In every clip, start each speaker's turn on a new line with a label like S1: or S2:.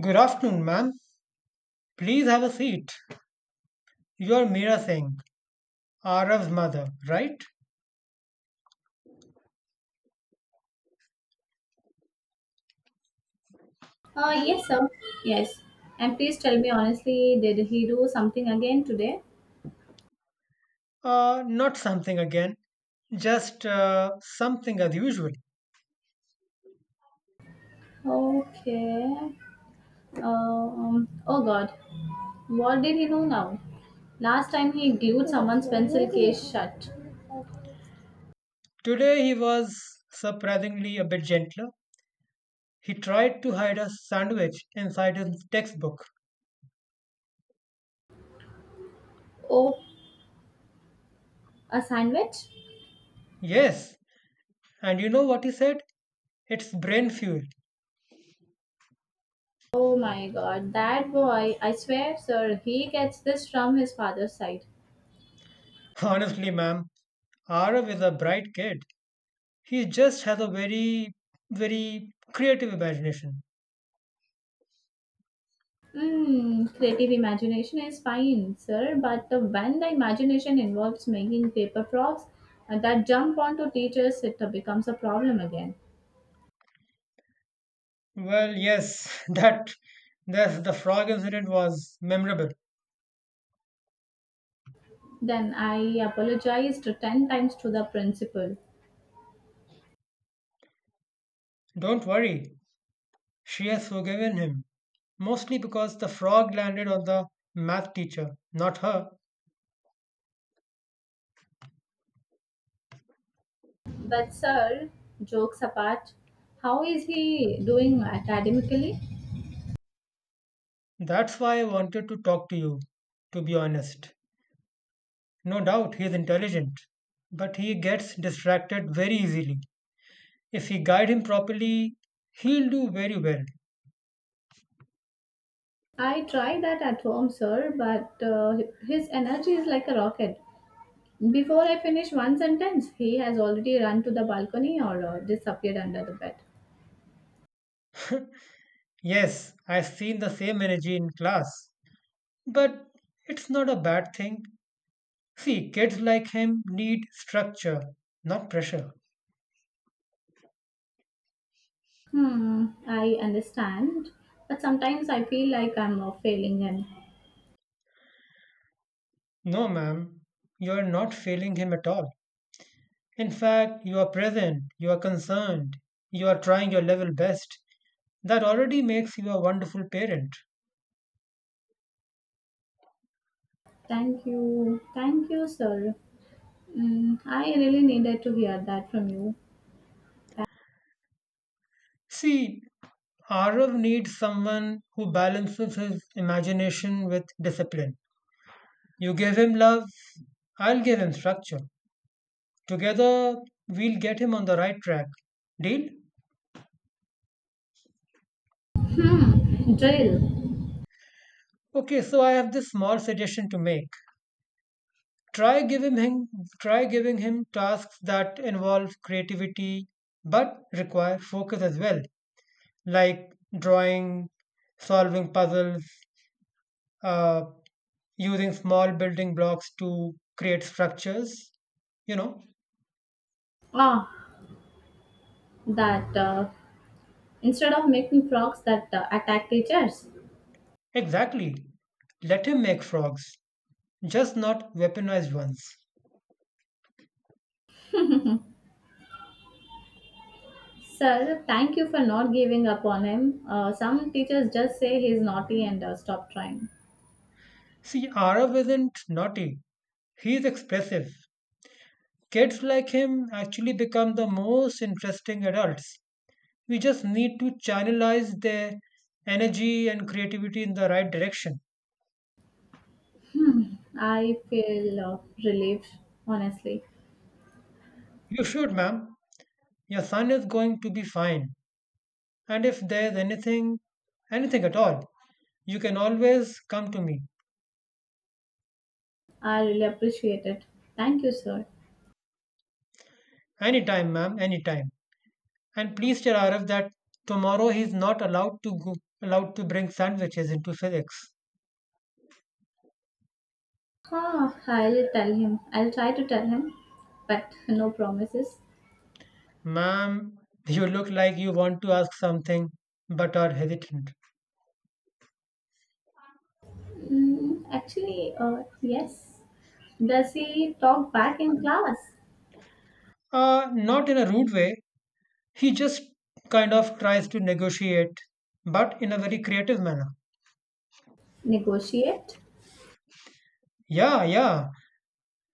S1: Good afternoon, ma'am. Please have a seat. You're Meera Singh, Arav's mother, right?
S2: Yes, sir. Yes. And please tell me honestly, did he do something again today?
S1: Not something again, just something as usual.
S2: Okay. Oh God. What did he do now? Last time he glued someone's pencil case shut.
S1: Today he was surprisingly a bit gentler. He tried to hide a sandwich inside his textbook.
S2: Oh, a sandwich?
S1: Yes, and you know what he said? It's brain fuel.
S2: Oh my God. That boy, I swear, sir, he gets this from his father's side.
S1: Honestly, ma'am, Arav is a bright kid. He just has a very, very creative imagination.
S2: Mm, creative imagination is fine, sir, but when the imagination involves making paper props that jump onto teachers, it becomes a problem again.
S1: Well, yes, that the frog incident was memorable.
S2: Then I apologized 10 times to the principal.
S1: Don't worry, she has forgiven him. Mostly because the frog landed on the math teacher, not her.
S2: But, sir, jokes apart, how is he doing academically?
S1: That's why I wanted to talk to you, to be honest. No doubt he's intelligent, but he gets distracted very easily. If we guide him properly, he'll do very well.
S2: I tried that at home, sir, but his energy is like a rocket. Before I finish one sentence, he has already run to the balcony or disappeared under the bed.
S1: Yes, I've seen the same energy in class, but it's not a bad thing. See, kids like him need structure, not pressure.
S2: Hmm, I understand. But sometimes I feel like I'm failing and...
S1: No, ma'am, you're not failing him at all. In fact, you are present, you are concerned, you are trying your level best. That already makes you a wonderful parent.
S2: thank you. Thank you, sir. Mm, I really needed to hear that from you.
S1: See, Arav needs someone who balances his imagination with discipline. You give him love, I'll give him structure. Together, we'll get him on the right track. Deal?
S2: Hmm, drill.
S1: Okay, so I have this small suggestion to make. Try giving him try giving him tasks that involve creativity but require focus as well, like drawing, solving puzzles, uh, using small building blocks to create structures. You know,
S2: Ah, that instead of making frogs that attack teachers.
S1: exactly. Let him make frogs, just not weaponized ones.
S2: Sir, thank you for not giving up on him. Some teachers just say he's naughty and stop trying.
S1: See, Arav isn't naughty. He's expressive. Kids like him actually become the most interesting adults. We just need to channelize their energy and creativity in the right direction.
S2: I feel relieved, honestly.
S1: You should, ma'am. Your son is going to be fine. And if there's anything, anything at all, you can always come to me.
S2: I really appreciate it. Thank you, sir.
S1: Anytime, ma'am, anytime. And please tell Arif that tomorrow he's not allowed to go, allowed to bring sandwiches into physics.
S2: Ah, I'll tell him. I'll try to tell him, but no promises.
S1: Ma'am, you look like you want to ask something but are hesitant.
S2: Yes. Does he talk back in class?
S1: Not in a rude way, he just kind of tries to negotiate, but in a very creative manner.
S2: Negotiate?
S1: Yeah, yeah,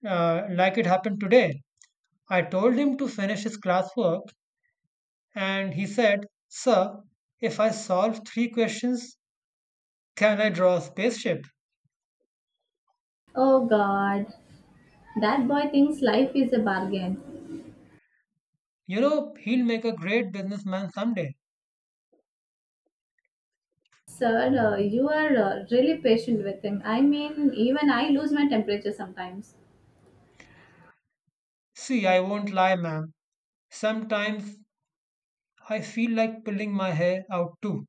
S1: like it happened today. I told him to finish his classwork, and he said, "Sir, if I solve three questions, can I draw a spaceship?"
S2: Oh God, that boy thinks life is a bargain.
S1: You know, he'll make a great businessman someday.
S2: Sir, you are really patient with him. I mean, even I lose my temperature sometimes.
S1: See, I won't lie, ma'am. Sometimes I feel like pulling my hair out too.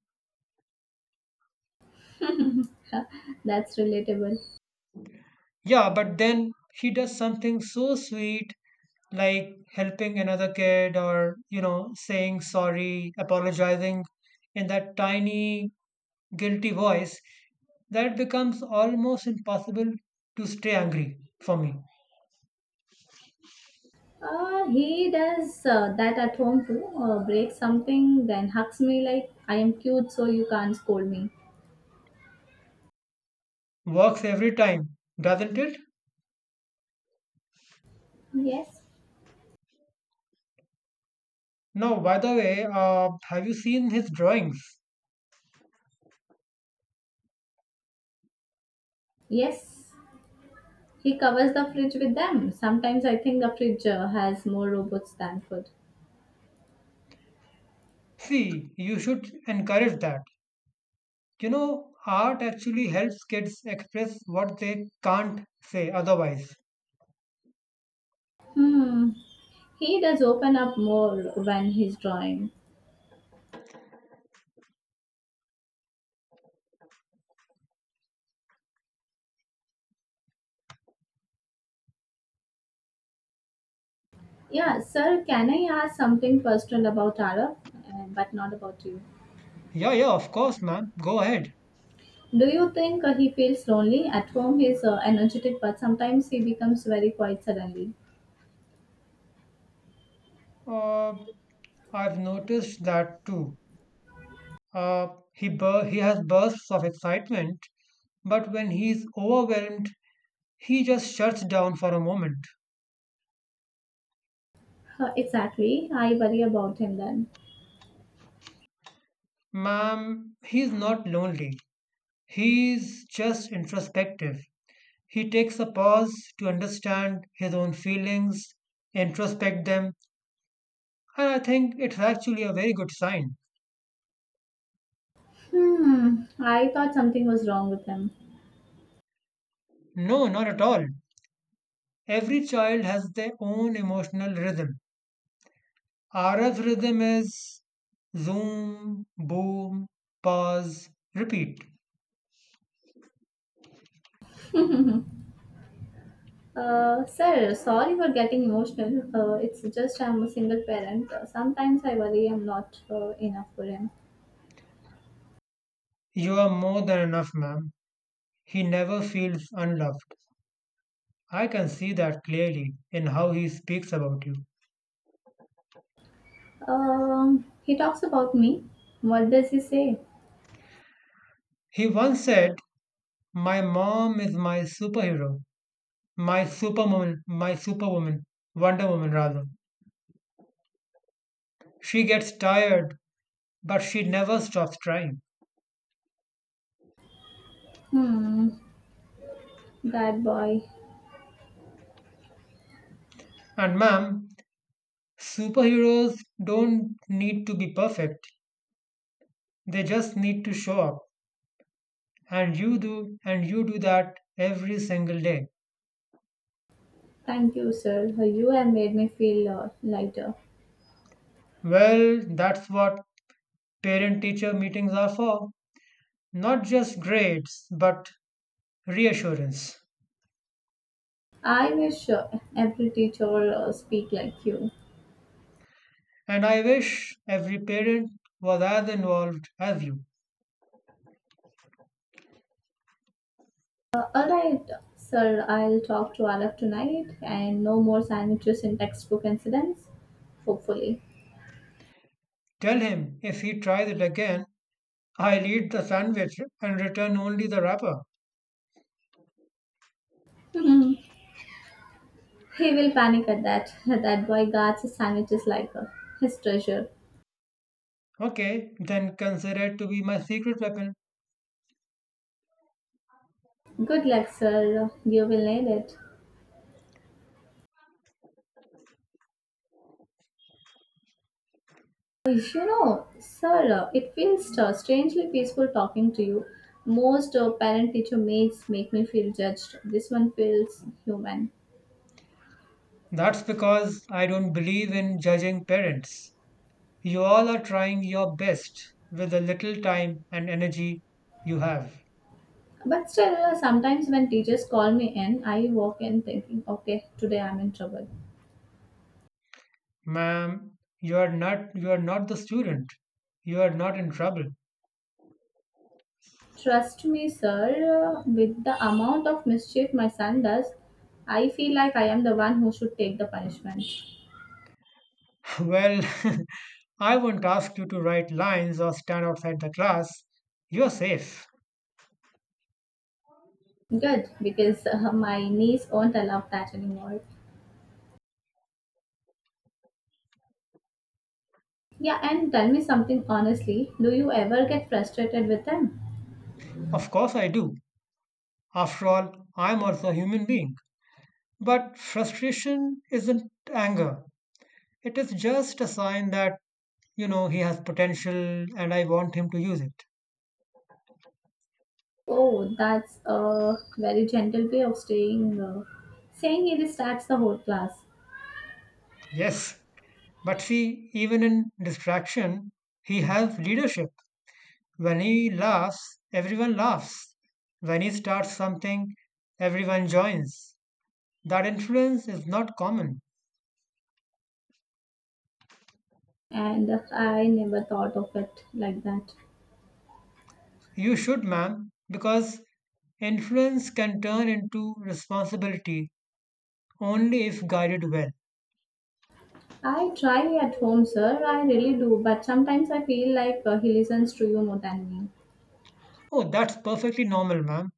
S2: That's relatable.
S1: Yeah, but then he does something so sweet, like helping another kid or, you know, saying sorry, apologizing in that tiny, guilty voice, that becomes almost impossible to stay angry for me.
S2: He does that at home too. Breaks something, then hugs me like I am cute, so you can't scold me.
S1: Works every time, doesn't it?
S2: Yes.
S1: Now, by the way, have you seen his drawings?
S2: Yes. He covers the fridge with them. Sometimes I think the fridge has more robots than food.
S1: See, you should encourage that. You know, art actually helps kids express what they can't say otherwise.
S2: Hmm. He does open up more when he's drawing. Yeah, sir, can I ask something personal about Arab, but not about you?
S1: Yeah, yeah, of course, man. Go ahead.
S2: Do you think he feels lonely? At home, he's energetic, but sometimes he becomes very quiet suddenly.
S1: Uh, I've noticed that too. He has bursts of excitement, but when he's overwhelmed, he just shuts down for a moment.
S2: Exactly. I worry about him then.
S1: Ma'am, he's not lonely. He's just introspective. He takes a pause to understand his own feelings, introspect them, and I think it's actually a very good sign.
S2: Hmm. I thought something was wrong with him.
S1: No, not at all. Every child has their own emotional rhythm. RF rhythm is zoom, boom, pause, repeat.
S2: Sir, sorry for getting emotional. It's just I'm a single parent. Sometimes I worry I'm not enough for him.
S1: You are more than enough, ma'am. He never feels unloved. I can see that clearly in how he speaks about you.
S2: He talks about me. What does he say?
S1: He once said, "My mom is my superhero, my superwoman, Wonder Woman rather. She gets tired, but she never stops trying."
S2: Hmm, that boy.
S1: And, ma'am, superheroes don't need to be perfect, they just need to show up. And you do that every single day.
S2: Thank you, sir. You have made me feel lighter.
S1: Well, that's what parent teacher meetings are for, not just grades but reassurance.
S2: I wish every teacher speak like you.
S1: And I wish every parent was as involved as you.
S2: All right, sir. I'll talk to Araf tonight, and no more sandwiches in textbook incidents. Hopefully.
S1: Tell him if he tries it again, I'll eat the sandwich and return only the wrapper.
S2: He will panic at that. That boy guards his sandwiches like a his treasure.
S1: Okay, then consider it to be my secret weapon.
S2: Good luck, sir. You will need it. You know, sir, it feels strangely peaceful talking to you. Most parent teacher mates make me feel judged. This one feels human.
S1: That's because I don't believe in judging parents. You all are trying your best with the little time and energy you have.
S2: But still, sometimes when teachers call me in, I walk in thinking, okay, today I'm in trouble.
S1: Ma'am, you are not the student. You are not in trouble.
S2: Trust me, sir, with the amount of mischief my son does, I feel like I am the one who should take the punishment.
S1: Well, I won't ask you to write lines or stand outside the class. You're safe.
S2: Good, because my niece won't allow that anymore. Yeah, and tell me something honestly. Do you ever get frustrated with them?
S1: Of course I do. After all, I'm also a human being. But frustration isn't anger. It is just a sign that, you know, he has potential and I want him to use it.
S2: Oh, that's a very gentle way of saying it starts the whole class.
S1: Yes, but see, even in distraction, he has leadership. When he laughs, everyone laughs. When he starts something, everyone joins. That influence is not common.
S2: And I never thought of it like that.
S1: You should, ma'am, because influence can turn into responsibility only if guided well.
S2: I try at home, sir. I really do. But sometimes I feel like he listens to you more than me.
S1: Oh, that's perfectly normal, ma'am.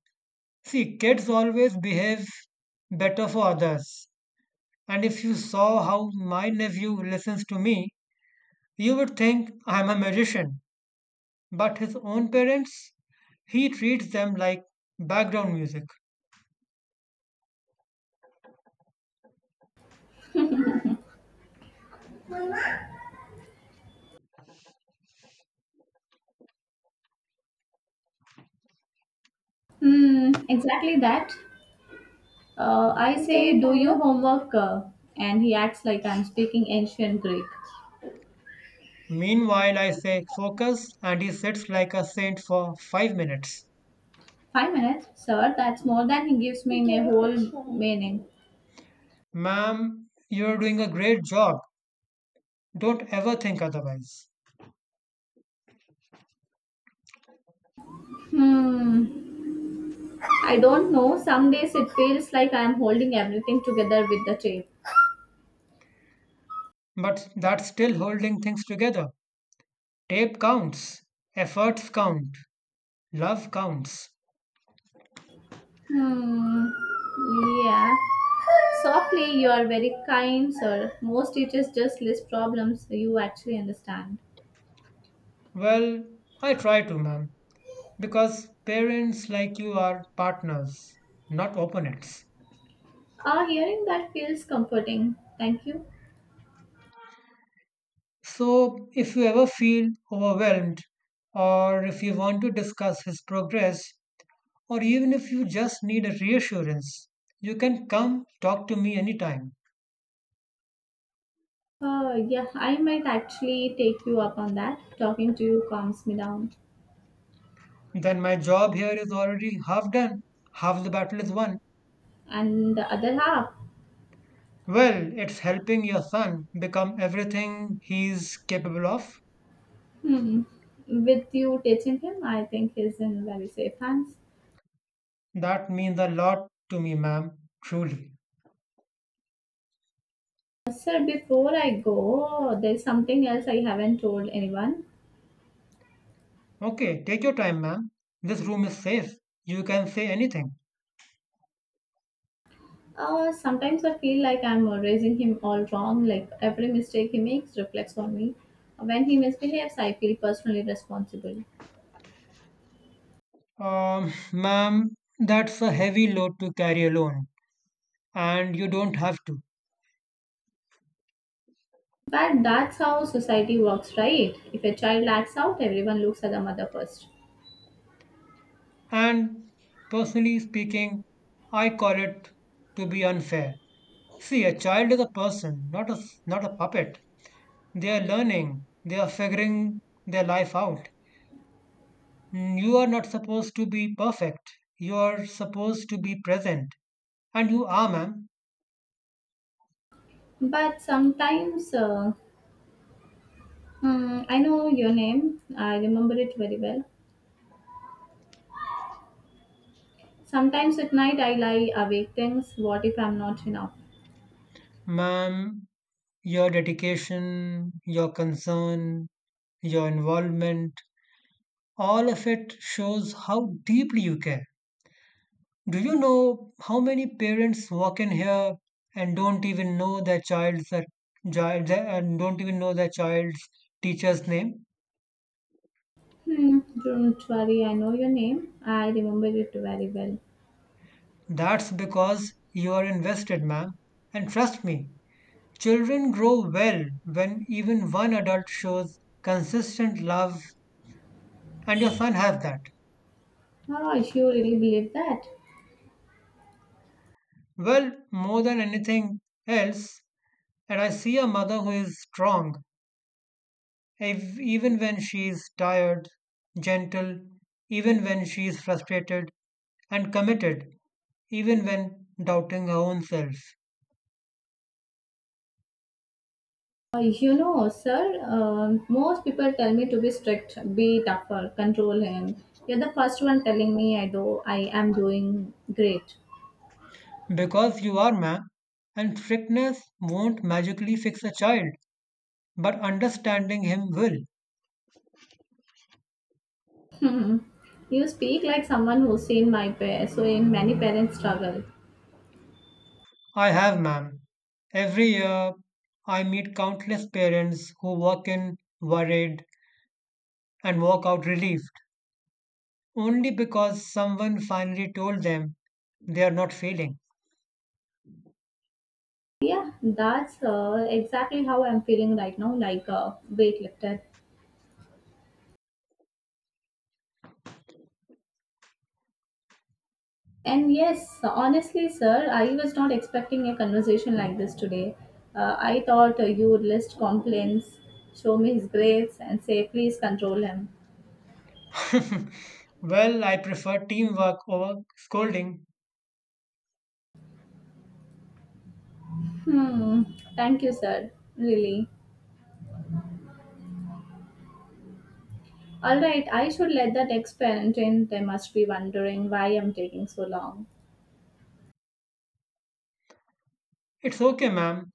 S1: See, kids always behave better for others. And if you saw how my nephew listens to me, you would think I'm a magician, but his own parents, he treats them like background music.
S2: Hmm, exactly that. I say, do your homework, and he acts like I'm speaking ancient Greek.
S1: Meanwhile, I say focus, and he sits like a saint for 5 minutes.
S2: 5 minutes? Sir, that's more than he gives me in a whole meaning.
S1: Ma'am, you're doing a great job. Don't ever think otherwise.
S2: Hmm. I don't know. Some days it feels like I'm holding everything together with the tape.
S1: But that's still holding things together. Tape counts, efforts count, love counts.
S2: Hmm. Yeah. Softly, you are very kind, sir. Most teachers just list problems you actually understand.
S1: Well, I try to, ma'am, because parents like you are partners, not opponents.
S2: Ah, hearing that feels comforting. Thank you.
S1: So, if you ever feel overwhelmed, or if you want to discuss his progress, or even if you just need a reassurance, you can come talk to me anytime.
S2: Yeah, I might actually take you up on that. Talking to you calms me down.
S1: Then my job here is already half done, half the battle is won.
S2: And the other half,
S1: Well, it's helping your son become everything he's capable of.
S2: Hmm. With you teaching him, I think he's in very safe hands.
S1: That means a lot to me, ma'am, truly.
S2: Sir, before I go, there's something else I haven't told anyone.
S1: Okay, take your time, ma'am. This room is safe. You can say anything.
S2: Sometimes I feel like I'm raising him all wrong, like every mistake he makes reflects on me. When he misbehaves, I feel personally responsible.
S1: Ma'am, that's a heavy load to carry alone, and you don't have to.
S2: But that's how society works, right? If a child acts out, everyone looks at the mother first.
S1: And personally speaking, I call it to be unfair. See, a child is a person, not a puppet. They are learning, they are figuring their life out. Mm, you are not supposed to be perfect. You are supposed to be present, and you are, ma'am.
S2: But sometimes, I know your name, I remember it very well. Sometimes at night I lie awake thinks, what if I'm not enough?
S1: Ma'am, your dedication, your concern, your involvement, all of it shows how deeply you care. Do you know how many parents walk in here and don't even know their child's that child and don't even know their child's teacher's name?
S2: Hmm, don't worry, I know your name. I remember it very well.
S1: That's because you are invested, ma'am. And trust me, children grow well when even one adult shows consistent love, and your son has that.
S2: Oh, you really believe that?
S1: Well, more than anything else, and I see a mother who is strong, even when she is tired, gentle, even when she is frustrated, and committed, even when doubting her own self.
S2: You know, sir, most people tell me to be strict, be tougher, control him. You're the first one telling me I am doing great.
S1: Because you are, ma'am, and strictness won't magically fix a child, but understanding him will.
S2: Hmm. You speak like someone who's seen so in many parents struggle.
S1: I have, ma'am. Every year, I meet countless parents who walk in worried and walk out relieved, only because someone finally told them they are not failing.
S2: Yeah, that's exactly how I'm feeling right now, like a weightlifter. And yes, honestly, sir, I was not expecting a conversation like this today. I thought you would list complaints, show me his grades, and say, please control him.
S1: Well, I prefer teamwork over scolding.
S2: Hmm, thank you, sir. Really. Alright, I should let that ex parent in. They must be wondering why I'm taking so long.
S1: It's okay, ma'am.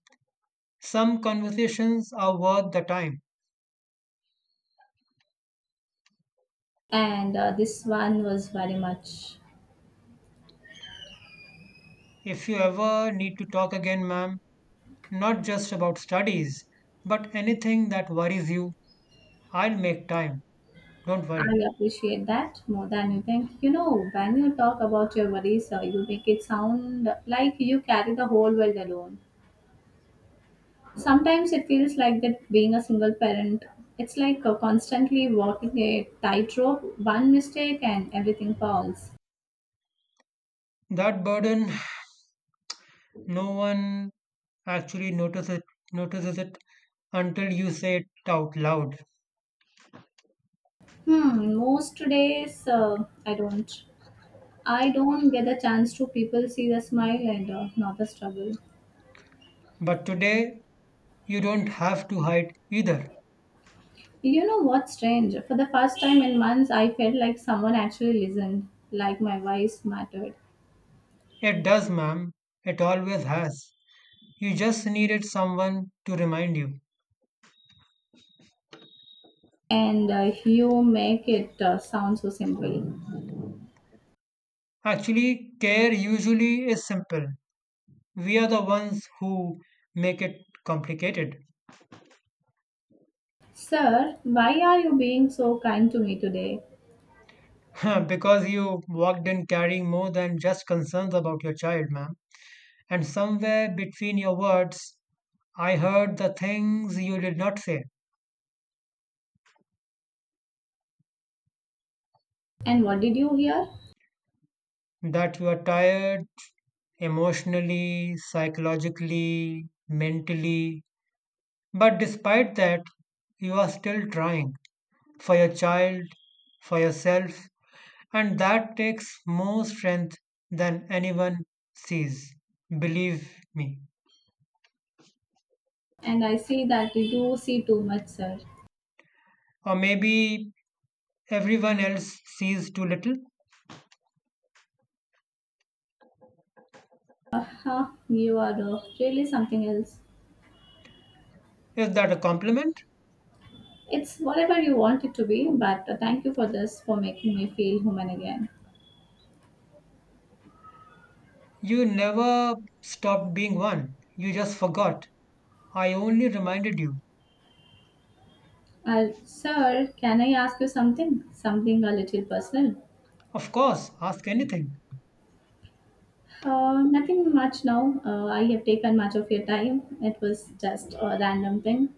S1: Some conversations are worth the time.
S2: And this one was very much.
S1: If you ever need to talk again, ma'am, not just about studies, but anything that worries you, I'll make time. Don't
S2: I
S1: worry.
S2: appreciate that more than you think. You know, when you talk about your worries, you make it sound like you carry the whole world alone. Sometimes it feels like that being a single parent, it's like constantly walking a tightrope, one mistake and everything falls.
S1: That burden, no one actually notices it until you say it out loud.
S2: Hmm, most days I don't. I don't get the chance to people see the smile and not the struggle.
S1: But today, you don't have to hide either.
S2: You know what's strange? For the first time in months, I felt like someone actually listened, like my voice mattered.
S1: It does, ma'am. It always has. You just needed someone to remind you.
S2: And you make it sound so simple.
S1: Actually, care usually is simple. We are the ones who make it complicated.
S2: Sir, why are you being so kind to me today?
S1: Because you walked in carrying more than just concerns about your child, ma'am. And somewhere between your words, I heard the things you did not say,
S2: And what did you hear?
S1: that you are tired emotionally, psychologically, mentally. But despite that, you are still trying, for your child, for yourself, and that takes more strength than anyone sees. Believe me.
S2: And I see that you see too much, sir.
S1: Or maybe everyone else sees too little.
S2: Huh, you are really something else.
S1: Is that a compliment?
S2: It's whatever you want it to be, but thank you for this, for making me feel human again.
S1: You never stopped being one. You just forgot. I only reminded you.
S2: Sir, can I ask you something? Something a little personal?
S1: Of course, ask anything.
S2: Nothing much now. I have taken much of your time. It was just a random thing.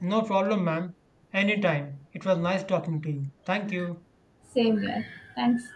S1: No problem, ma'am. Anytime. It was nice talking to you. Thank you.
S2: Same here. Thanks.